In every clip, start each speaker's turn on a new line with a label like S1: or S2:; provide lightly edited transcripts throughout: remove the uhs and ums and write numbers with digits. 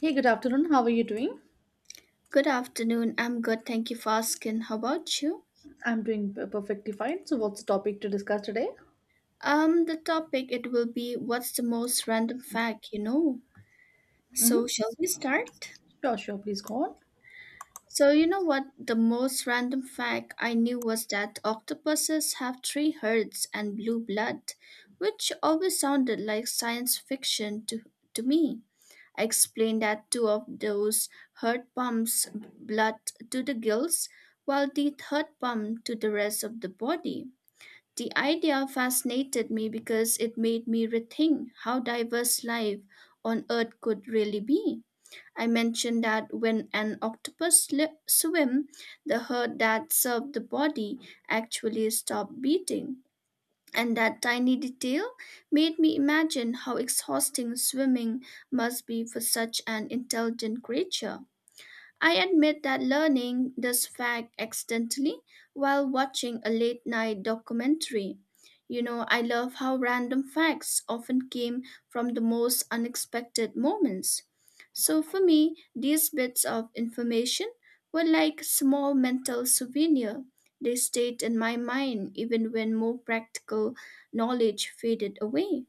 S1: Hey, good afternoon. How are you doing?
S2: Good afternoon. I'm good. Thank you for asking. How about you?
S1: I'm doing perfectly fine. So, what's the topic to discuss today?
S2: The topic it will be what's the most random fact you know?
S1: Mm-hmm.
S2: So shall we start?
S1: Sure. Please go on.
S2: So you know what the most random fact I knew was that octopuses have three hearts and blue blood, which always sounded like science fiction to me. I explained that two of those heart pumps blood to the gills, while the third pump to the rest of the body. The idea fascinated me because it made me rethink how diverse life on Earth could really be. I mentioned that when an octopus swim, the heart that served the body actually stopped beating. And that tiny detail made me imagine how exhausting swimming must be for such an intelligent creature. I admit that learning this fact accidentally while watching a late night documentary. I love how random facts often came from the most unexpected moments. So for me, these bits of information were like small mental souvenir. They stayed in my mind even when more practical knowledge faded away.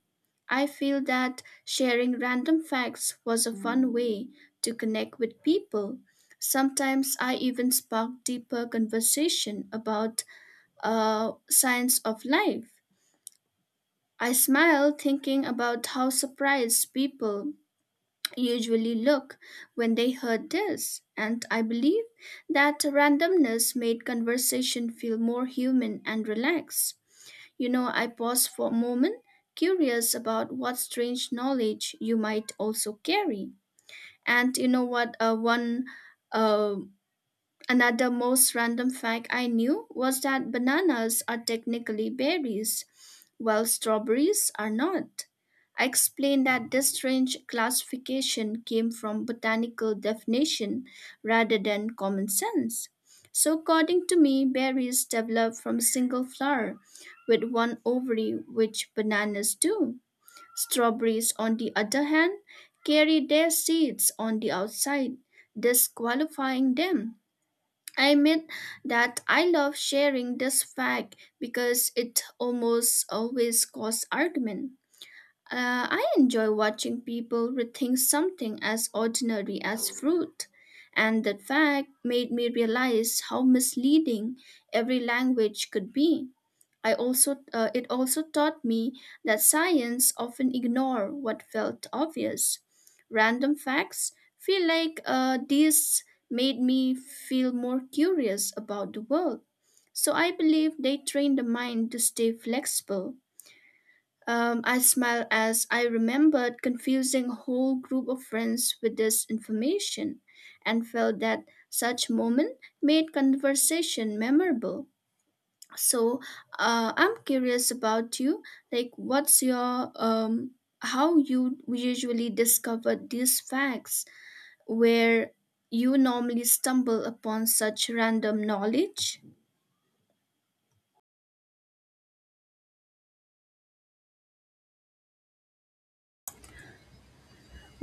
S2: I feel that sharing random facts was a fun way to connect with people. Sometimes I even spark deeper conversation about science of life. I smile thinking about how surprised people usually look when they heard this, and I believe that randomness made conversation feel more human and relaxed. I pause for a moment, curious about what strange knowledge you might also carry. And you know what? One. Uh, Another most random fact I knew was that bananas are technically berries, while strawberries are not. I explained that this strange classification came from botanical definition rather than common sense. So, according to me, berries develop from a single flower with one ovary, which bananas do. Strawberries, on the other hand, carry their seeds on the outside, disqualifying them. I admit that I love sharing this fact because it almost always causes argument. I enjoy watching people rethink something as ordinary as fruit, and that fact made me realize how misleading every language could be. I also it also taught me that science often ignore what felt obvious. Random facts feel like these made me feel more curious about the world. So I believe they train the mind to stay flexible. I smiled as I remembered confusing a whole group of friends with this information and felt that such moment made conversation memorable. So I'm curious about you, like what's your how you usually discover these facts, where you normally stumble upon such random knowledge.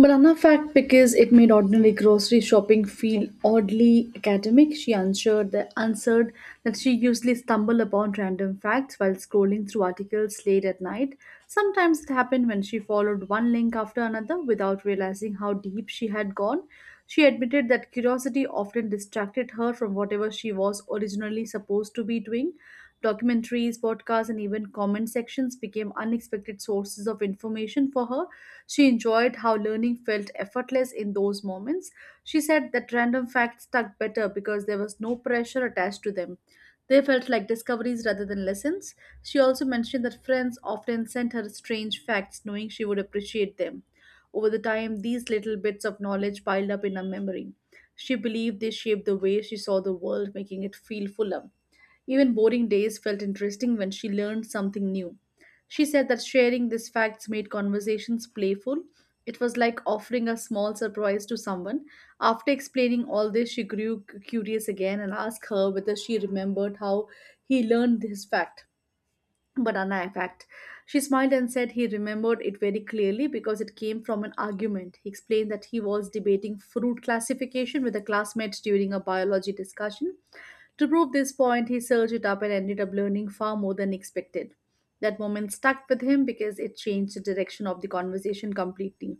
S1: Banana fact because it made ordinary grocery shopping feel oddly academic. She answered that she usually stumbled upon random facts while scrolling through articles late at night. Sometimes it happened when she followed one link after another without realizing how deep she had gone. She admitted that curiosity often distracted her from whatever she was originally supposed to be doing. Documentaries, podcasts, and even comment sections became unexpected sources of information for her. She enjoyed how learning felt effortless in those moments. She said that random facts stuck better because there was no pressure attached to them. They felt like discoveries rather than lessons. She also mentioned that friends often sent her strange facts knowing she would appreciate them. Over the time, these little bits of knowledge piled up in her memory. She believed they shaped the way she saw the world, making it feel fuller. Even boring days felt interesting when she learned something new. She said that sharing these facts made conversations playful. It was like offering a small surprise to someone. After explaining all this, she grew curious again and asked her whether she remembered how he learned this fact. But Anna, in she smiled and said he remembered it very clearly because it came from an argument. He explained that he was debating fruit classification with a classmate during a biology discussion. To prove this point, he searched it up and ended up learning far more than expected. That moment stuck with him because it changed the direction of the conversation completely.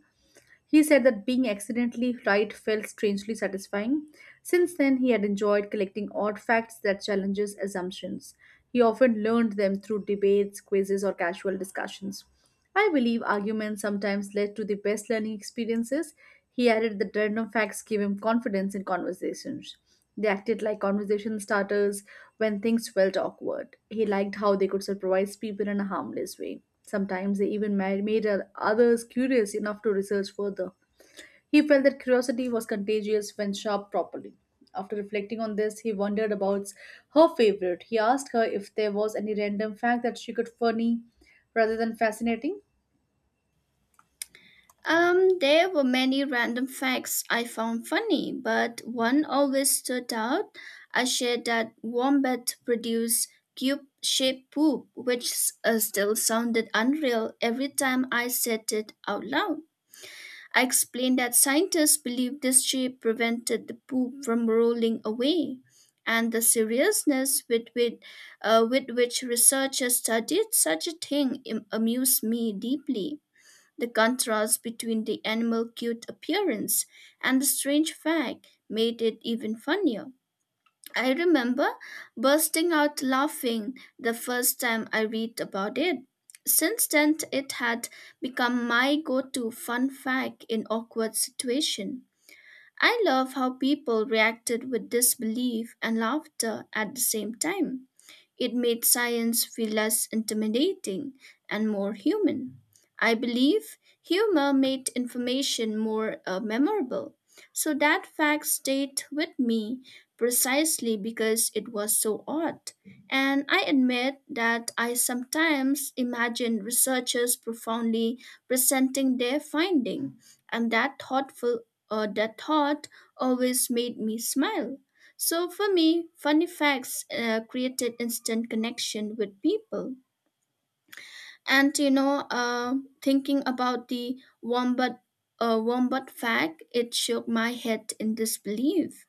S1: He said that being accidentally right felt strangely satisfying. Since then, he had enjoyed collecting odd facts that challenges assumptions. He often learned them through debates, quizzes, or casual discussions. I believe arguments sometimes led to the best learning experiences. He added that random facts gave him confidence in conversations. They acted like conversation starters when things felt awkward. He liked how they could surprise people in a harmless way. Sometimes they even made others curious enough to research further. He felt that curiosity was contagious when sharp properly. After reflecting on this, he wondered about her favorite. He asked her if there was any random fact that she could funny rather than fascinating.
S2: There were many random facts I found funny, but one always stood out. I shared that wombat produce cube shaped poop, which still sounded unreal every time I said it out loud. I explained that scientists believe this shape prevented the poop from rolling away, and the seriousness with which researchers studied such a thing amused me deeply. The contrast between the animal cute appearance and the strange fact made it even funnier. I remember bursting out laughing the first time I read about it. Since then, it had become my go to fun fact in awkward situation. I love how people reacted with disbelief and laughter at the same time. It made science feel less intimidating and more human. I believe humor made information more memorable. So that fact stayed with me precisely because it was so odd. And I admit that I sometimes imagine researchers profoundly presenting their finding, and that thought always made me smile. So for me, funny facts created instant connection with people. And you know, uh, Thinking about the wombat fact, it shook my head in disbelief.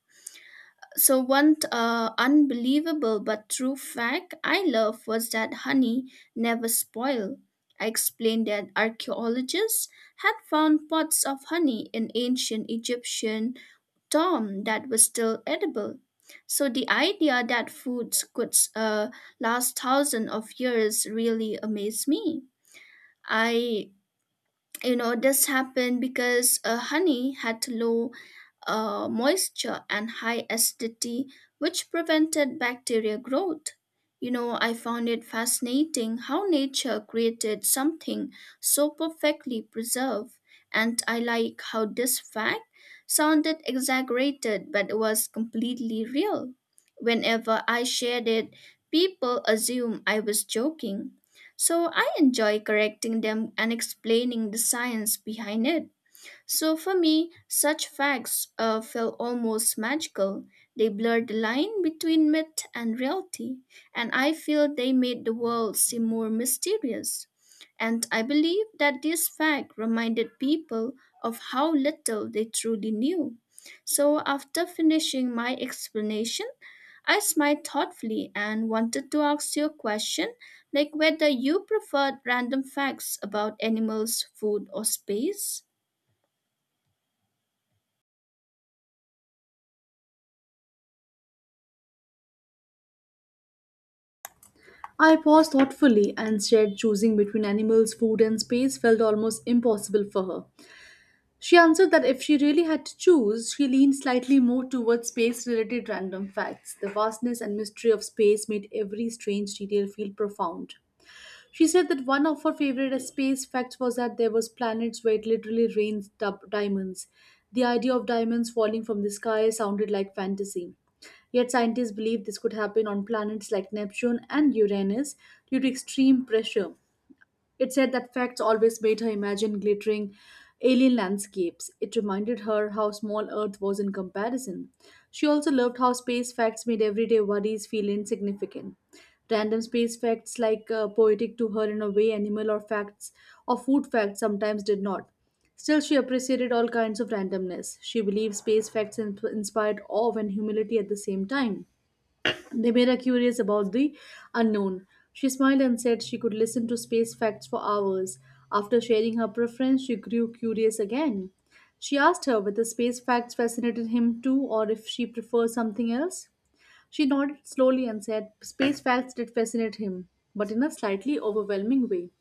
S2: So one unbelievable but true fact I love was that honey never spoil. I explained that archaeologists had found pots of honey in ancient Egyptian Tom that was still edible. So the idea that foods could last thousands of years really amazed me. I, this happened because honey had low moisture and high acidity, which prevented bacteria growth. I found it fascinating how nature created something so perfectly preserved, and I like how this fact sounded exaggerated but was completely real. Whenever I shared it, people assume I was joking. So I enjoy correcting them and explaining the science behind it. So for me, such facts feel almost magical. They blurred the line between myth and reality, and I feel they made the world seem more mysterious. And I believe that this fact reminded people of how little they truly knew. So after finishing my explanation, I smiled thoughtfully and wanted to ask you a question, like whether you preferred random facts about animals, food, or space.
S1: I paused thoughtfully and said choosing between animals, food, and space felt almost impossible for her. She answered that if she really had to choose, she leaned slightly more towards space related random facts. The vastness and mystery of space made every strange detail feel profound. She said that one of her favorite space facts was that there was planets where it literally rains diamonds. The idea of diamonds falling from the sky sounded like fantasy. Yet scientists believe this could happen on planets like Neptune and Uranus due to extreme pressure. It said that facts always made her imagine glittering alien landscapes. It reminded her how small Earth was in comparison. She also loved how space facts made everyday worries feel insignificant. Random space facts, like poetic to her in a way, animal or facts or food facts sometimes did not. Still, she appreciated all kinds of randomness. She believed space facts inspired awe and humility at the same time. They made her curious about the unknown. She smiled and said she could listen to space facts for hours. After sharing her preference, she grew curious again. She asked her whether space facts fascinated him too or if she preferred something else. She nodded slowly and said space facts did fascinate him, but in a slightly overwhelming way.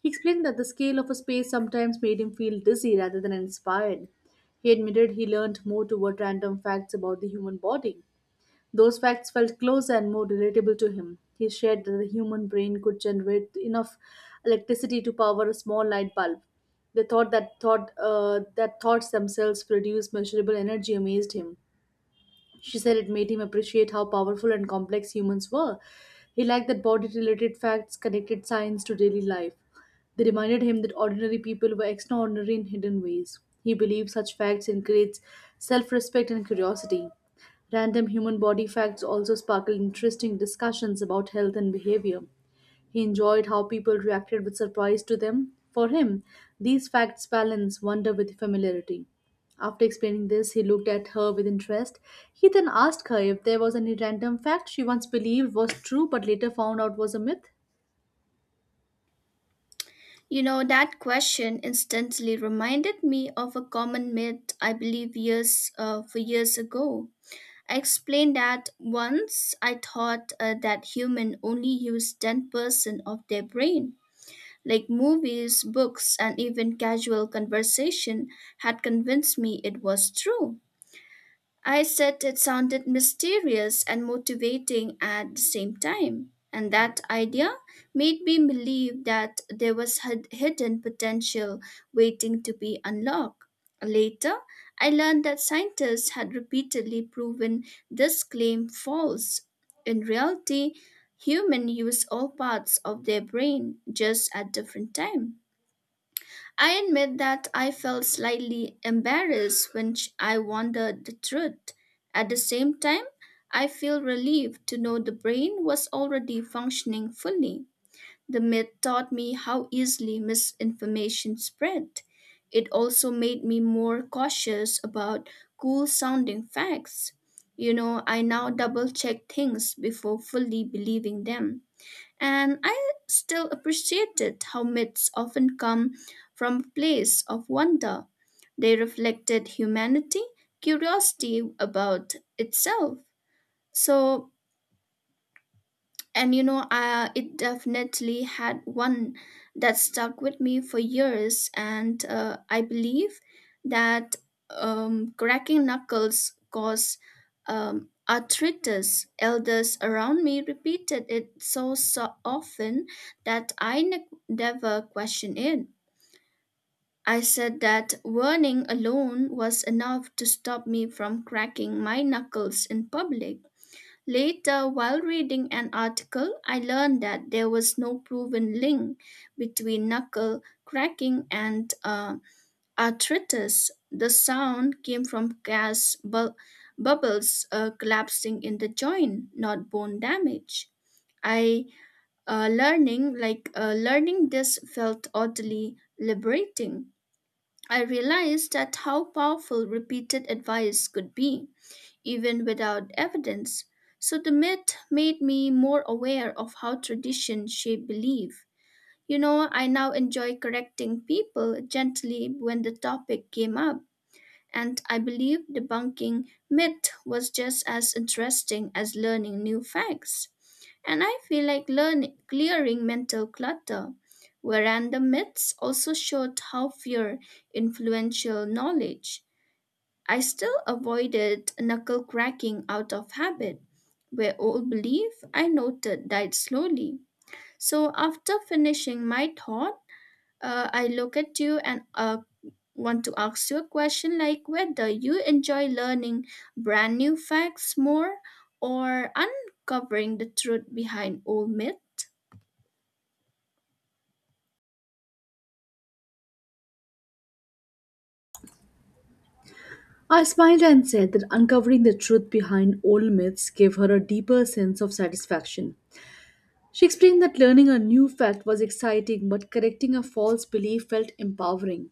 S1: He explained that the scale of a space sometimes made him feel dizzy rather than inspired. He admitted he learned more toward random facts about the human body. Those facts felt closer and more relatable to him. He shared that the human brain could generate enough electricity to power a small light bulb. The thoughts themselves produce measurable energy amazed him. She said it made him appreciate how powerful and complex humans were. He liked that body related facts connected science to daily life. They reminded him that ordinary people were extraordinary in hidden ways. He believed such facts encourage self respect and curiosity. Random human body facts also sparkled interesting discussions about health and behavior. He enjoyed how people reacted with surprise to them. For him, these facts balance wonder with familiarity. After explaining this, he looked at her with interest. He then asked her if there was any random fact she once believed was true but later found out was a myth.
S2: That question instantly reminded me of a common myth I believe years for years ago. I explained that once I thought that human only use 10% of their brain. Like movies, books, and even casual conversation had convinced me it was true. I said it sounded mysterious and motivating at the same time, and that idea made me believe that there was hidden potential waiting to be unlocked. Later, I learned that scientists had repeatedly proven this claim false. In reality, humans use all parts of their brain just at different times. I admit that I felt slightly embarrassed when I wondered the truth. At the same time, I feel relieved to know the brain was already functioning fully. The myth taught me how easily misinformation spread. It also made me more cautious about cool sounding facts. I now double check things before fully believing them. And I still appreciated how myths often come from a place of wonder. They reflected humanity, curiosity about itself. So and you know, I, it definitely had one that stuck with me for years. And I believe that cracking knuckles cause arthritis. Elders around me repeated it so, so often that I never questioned it. I said that warning alone was enough to stop me from cracking my knuckles in public. Later, while reading an article, I learned that there was no proven link between knuckle cracking and arthritis. The sound came from gas bubbles collapsing in the joint, not bone damage. I learning like learning this felt oddly liberating. I realized that how powerful repeated advice could be even without evidence. So the myth made me more aware of how tradition shape belief. I now enjoy correcting people gently when the topic came up, and I believe debunking myth was just as interesting as learning new facts. And I feel like learning clearing mental clutter. Whereas the myths also showed how fear influential knowledge I still avoided knuckle cracking out of habit, where old belief I noted died slowly. So after finishing my thought, I look at you and want to ask you a question, like whether you enjoy learning brand new facts more or uncovering the truth behind old myths.
S1: I smiled and said that uncovering the truth behind old myths gave her a deeper sense of satisfaction. She explained that learning a new fact was exciting, but correcting a false belief felt empowering.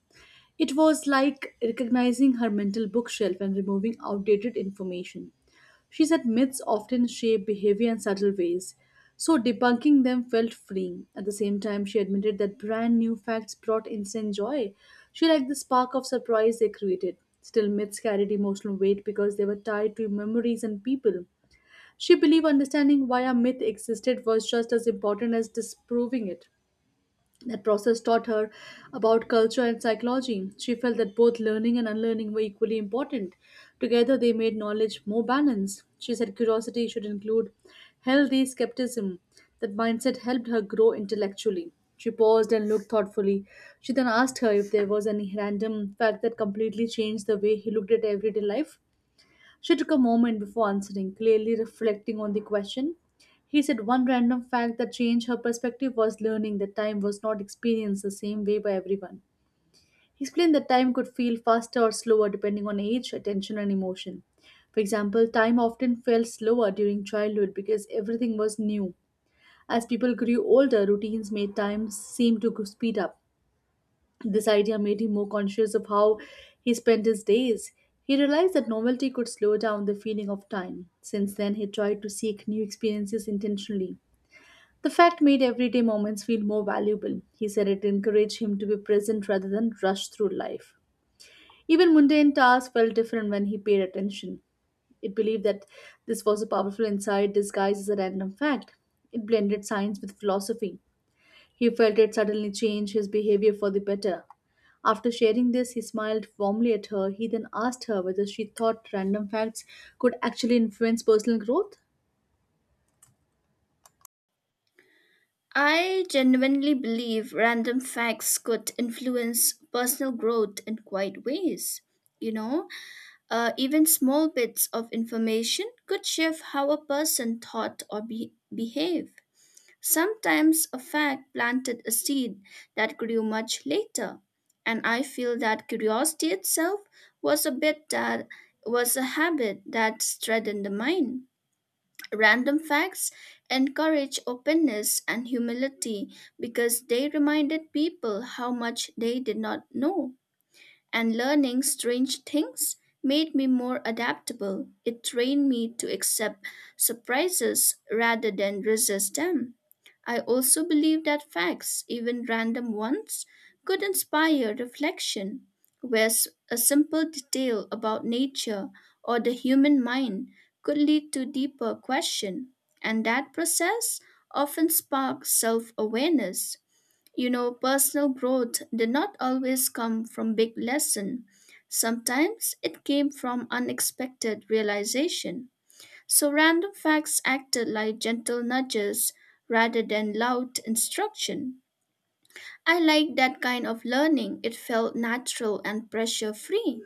S1: It was like recognizing her mental bookshelf and removing outdated information. She said myths often shape behavior in subtle ways, so debunking them felt freeing. At the same time, she admitted that brand new facts brought instant joy. She liked the spark of surprise they created. Still, myths carried emotional weight because they were tied to memories and people. She believed understanding why a myth existed was just as important as disproving it. That process taught her about culture and psychology. She felt that both learning and unlearning were equally important. Together, they made knowledge more balanced. She said curiosity should include healthy skepticism. That mindset helped her grow intellectually. She paused and looked thoughtfully. She then asked her if there was any random fact that completely changed the way he looked at everyday life. She took a moment before answering, clearly reflecting on the question. He said one random fact that changed her perspective was learning that time was not experienced the same way by everyone. He explained that time could feel faster or slower depending on age, attention, and emotion. For example, time often felt slower during childhood because everything was new. As people grew older, routines made time seem to speed up. This idea made him more conscious of how he spent his days. He realized that novelty could slow down the feeling of time. Since then, he tried to seek new experiences intentionally. The fact made everyday moments feel more valuable. He said it encouraged him to be present rather than rush through life. Even mundane tasks felt different when he paid attention. It believed that this was a powerful insight disguised as a random fact. It blended science with philosophy. He felt it suddenly change his behavior for the better. After sharing this, he smiled warmly at her. He then asked her whether she thought random facts could actually influence personal growth.
S2: I genuinely believe random facts could influence personal growth in quite ways. You know, Even small bits of information could shift how a person thought or behaved. Sometimes a fact planted a seed that grew much later, and I feel that curiosity itself was a bit that was a habit that strengthened the mind. Random facts encourage openness and humility because they reminded people how much they did not know, and learning strange things made me more adaptable. It trained me to accept surprises rather than resist them. I also believe that facts, even random ones, could inspire reflection, where a simple detail about nature or the human mind could lead to deeper question, and that process often sparks self-awareness. Personal growth did not always come from big lesson. Sometimes it came from unexpected realization. So random facts acted like gentle nudges rather than loud instruction. I liked that kind of learning. It felt natural and pressure free.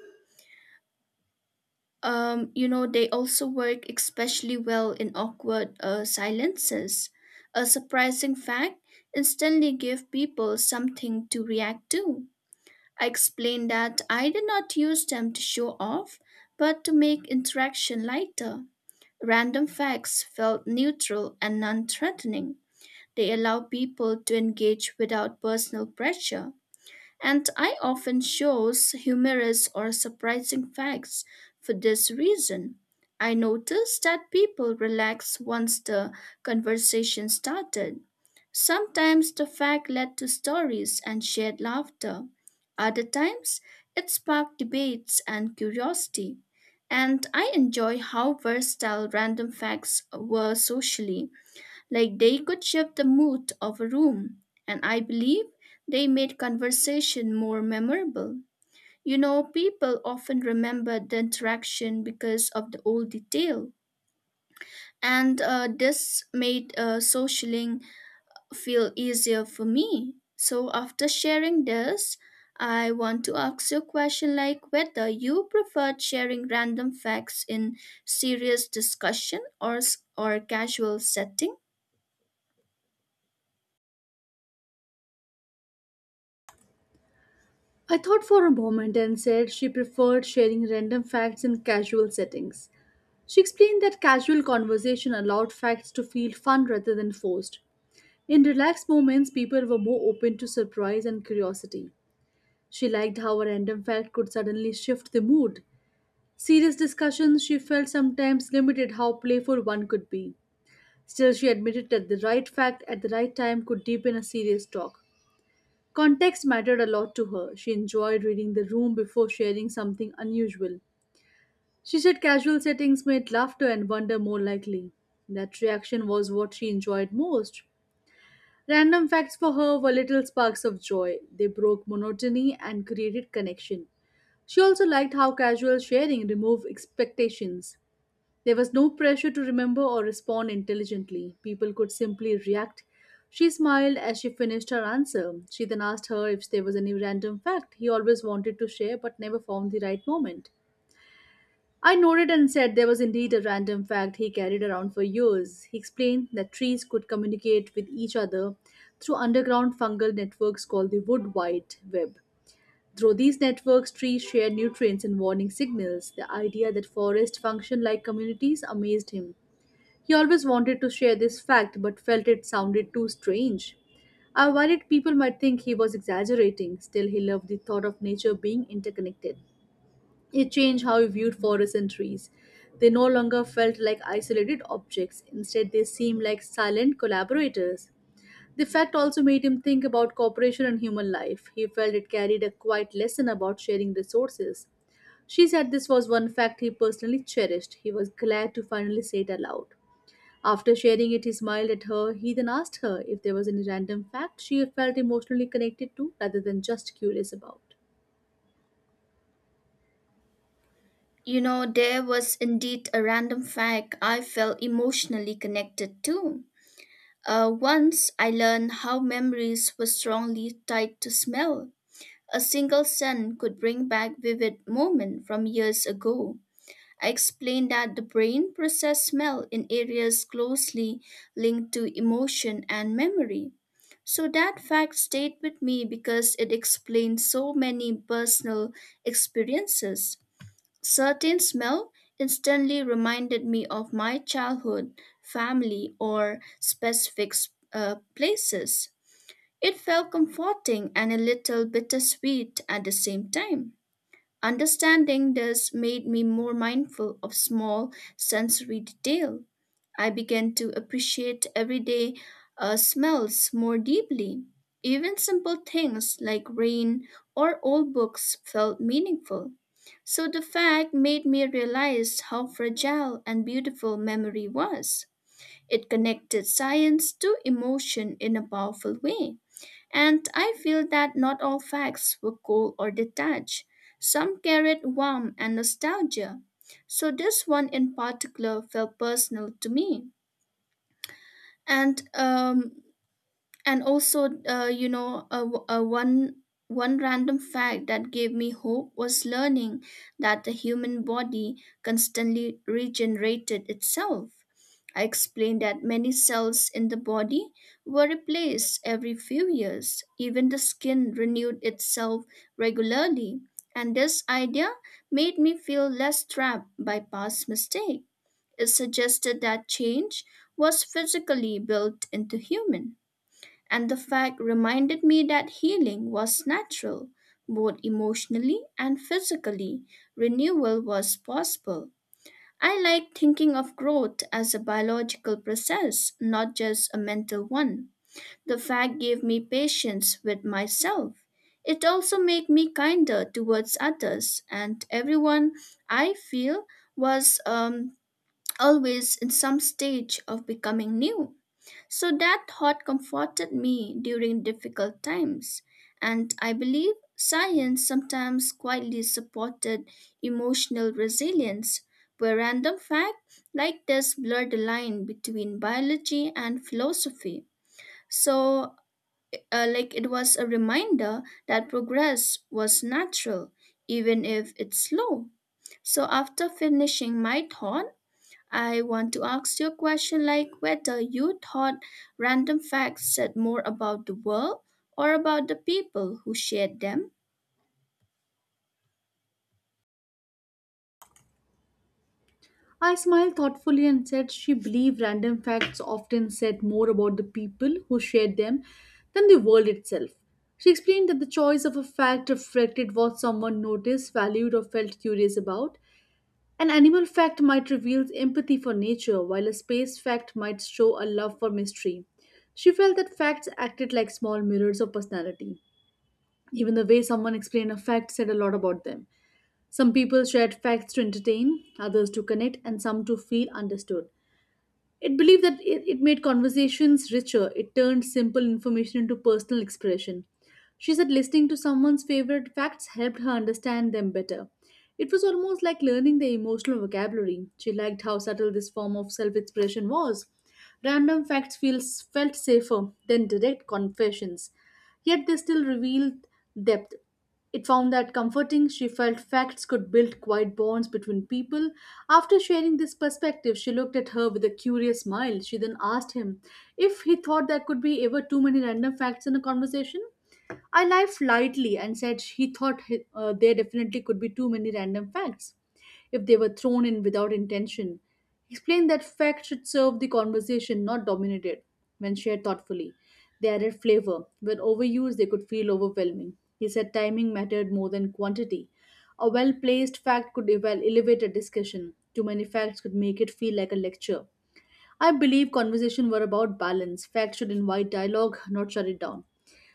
S2: They also work especially well in awkward silences. A surprising fact instantly gave people something to react to. I explained that I did not use them to show off, but to make interaction lighter. Random facts felt neutral and non threatening. They allow people to engage without personal pressure, and I often chose humorous or surprising facts for this reason. I noticed that people relaxed once the conversation started. Sometimes the fact led to stories and shared laughter. Other times, it sparked debates and curiosity. And I enjoy how versatile random facts were socially. Like they could shift the mood of a room, and I believe they made conversation more memorable. People often remember the interaction because of the old detail, and this made socialing feel easier for me. So after sharing this, I want to ask you a question like whether you preferred sharing random facts in serious discussion or or casual setting.
S1: I thought for a moment and said she preferred sharing random facts in casual settings. She explained that casual conversation allowed facts to feel fun rather than forced. In relaxed moments, people were more open to surprise and curiosity. She liked how a random fact could suddenly shift the mood. Serious discussions, she felt sometimes limited how playful one could be. Still, she admitted that the right fact at the right time could deepen a serious talk. Context mattered a lot to her. She enjoyed reading the room before sharing something unusual. She said casual settings made laughter and wonder more likely. That reaction was what she enjoyed most. Random facts for her were little sparks of joy. They broke monotony and created connection. She also liked how casual sharing removed expectations. There was no pressure to remember or respond intelligently. People could simply react. She smiled as she finished her answer. She then asked her if there was any random fact he always wanted to share but never found the right moment. I nodded and said there was indeed a random fact he carried around for years. He explained that trees could communicate with each other through underground fungal networks called the wood white web. Through these networks, trees share nutrients and warning signals. The idea that forests function like communities amazed him. He always wanted to share this fact but felt it sounded too strange. I worried people might think he was exaggerating, still, he loved the thought of nature being interconnected. It changed how he viewed forests and trees. They no longer felt like isolated objects, instead, they seemed like silent collaborators. The fact also made him think about cooperation and human life. He felt it carried a quiet lesson about sharing resources. She said this was one fact he personally cherished. He was glad to finally say it aloud. After sharing it, he smiled at her. He then asked her if there was any random fact she felt emotionally connected to rather than just curious about.
S2: You know, there was indeed a random fact I felt emotionally connected to. Once I learned how memories were strongly tied to smell. A single scent could bring back vivid moments from years ago. I explained that the brain processes smell in areas closely linked to emotion and memory. So that fact stayed with me because it explained so many personal experiences. Certain smell instantly reminded me of my childhood, family, or specific places. It felt comforting and a little bittersweet at the same time. Understanding this made me more mindful of small sensory detail. I began to appreciate everyday smells more deeply. Even simple things like rain or old books felt meaningful. So the fact made me realize how fragile and beautiful memory was. It connected science to emotion in a powerful way. And I feel that not all facts were cold or detached. Some carried warmth and nostalgia. So this one in particular felt personal to me. And um, and also you know a one one random fact that gave me hope was learning that the human body constantly regenerated itself. I explained that many cells in the body were replaced every few years. Even the skin renewed itself regularly, and this idea made me feel less trapped by past mistakes. It suggested that change was physically built into human, and the fact reminded me that healing was natural, both emotionally and physically. Renewal was possible. I like thinking of growth as a biological process, not just a mental one. The fact gave me patience with myself. It also made me kinder towards others, and everyone I feel was always in some stage of becoming new. So that thought comforted me during difficult times, and I believe science sometimes quietly supported emotional resilience, where random facts like this blur the line between biology and philosophy. So, it was a reminder that progress was natural, even if it's slow. So, after finishing my thought, I want to ask you a question like whether you thought random facts said more about the world or about the people who shared them.
S1: I smiled thoughtfully and said she believed random facts often said more about the people who shared them than the world itself. She explained that the choice of a fact reflected what someone noticed, valued, or felt curious about. An animal fact might reveal empathy for nature, while a space fact might show a love for mystery. She felt that facts acted like small mirrors of personality. Even the way someone explained a fact said a lot about them. Some people shared facts to entertain, others to connect, and some to feel understood. It believed that it made conversations richer, it turned simple information into personal expression. She said listening to someone's favorite facts helped her understand them better. It was almost like learning their emotional vocabulary. She liked how subtle this form of self expression was. Random facts felt safer than direct confessions, yet they still revealed depth. It found that comforting, she felt facts could build quiet bonds between people. After sharing this perspective, she looked at her with a curious smile. She then asked him if he thought there could be ever too many random facts in a conversation. I laughed lightly and said he thought there definitely could be too many random facts if they were thrown in without intention. He explained that facts should serve the conversation, not dominate it, when shared thoughtfully. They added flavor. When overused, they could feel overwhelming. He said timing mattered more than quantity. A well placed fact could elevate a discussion. Too many facts could make it feel like a lecture. I believe conversation were about balance. Facts should invite dialogue, not shut it down.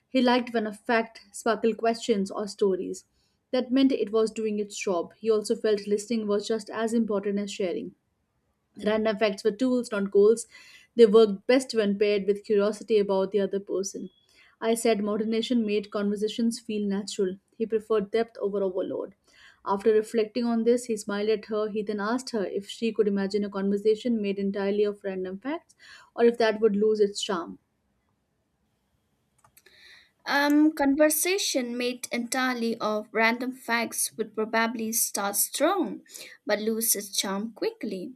S1: He liked when a fact sparkled questions or stories. That meant it was doing its job. He also felt listening was just as important as sharing. Random facts were tools, not goals. They worked best when paired with curiosity about the other person. I said modernation made conversations feel natural. He preferred depth over overload. After reflecting on this, he smiled at her. He then asked her if she could imagine a conversation made entirely of random facts or if that would lose its charm.
S2: Conversation made entirely of random facts would probably start strong but lose its charm quickly.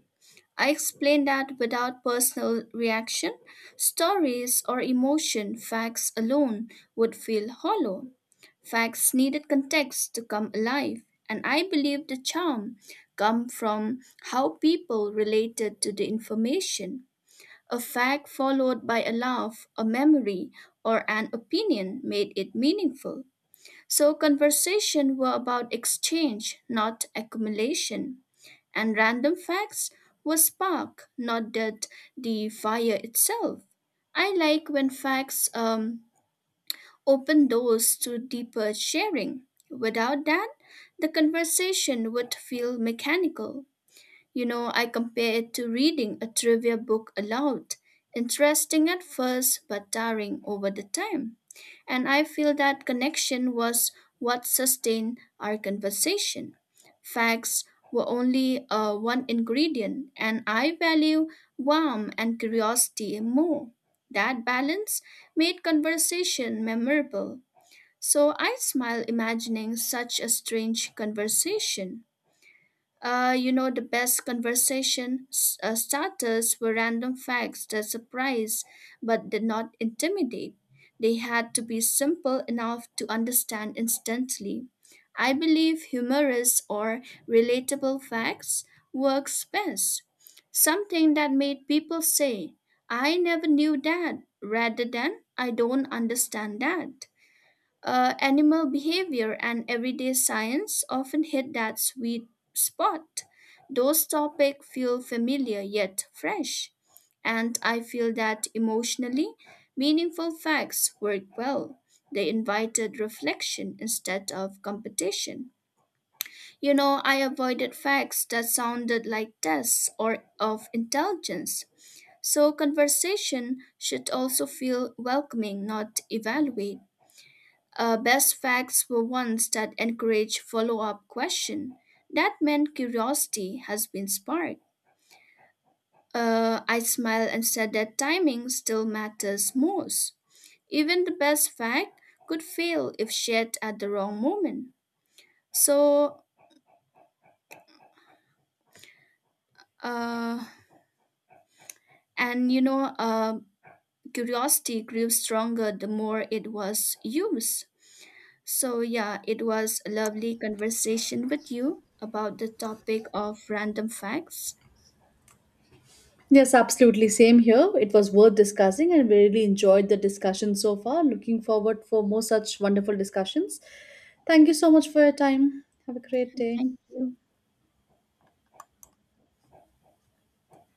S2: I explain that without personal reaction, stories or emotion, facts alone would feel hollow. Facts needed context to come alive, and I believe the charm come from how people related to the information. A fact followed by a laugh, a memory, or an opinion made it meaningful. So conversation were about exchange, not accumulation. And random facts were spark, not that the fire itself. I like when facts open doors to deeper sharing. Without that, the conversation would feel mechanical. You know, I compare it to reading a trivia book aloud. Interesting at first, but tiring over the time. And I feel that connection was what sustained our conversation. Facts were only one ingredient, and I value warmth and curiosity more. That balance made conversation memorable. So I smile imagining such a strange conversation. You know, the best conversation starters were random facts that surprised but did not intimidate. They had to be simple enough to understand instantly. I believe humorous or relatable facts works best. Something that made people say, I never knew that, rather than I don't understand that. Animal behavior and everyday science often hit that sweet spot. Those topics feel familiar yet fresh, and I feel that emotionally meaningful facts work well. They invited reflection instead of competition. You know, I avoided facts that sounded like tests or of intelligence. So, conversation should also feel welcoming, not evaluate. Best facts were ones that encouraged follow-up question. That meant curiosity has been sparked. I smiled and said that timing still matters most. Even the best fact could fail if shared at the wrong moment. So, uh, and you know, uh, curiosity grew stronger the more it was used. So, yeah, it was a lovely conversation with you about the topic of random facts.
S1: Yes, absolutely. Same here. It was worth discussing, and we really enjoyed the discussion so far. Looking forward for more such wonderful discussions. Thank you so much for your time. Have a great day.
S2: Thank you.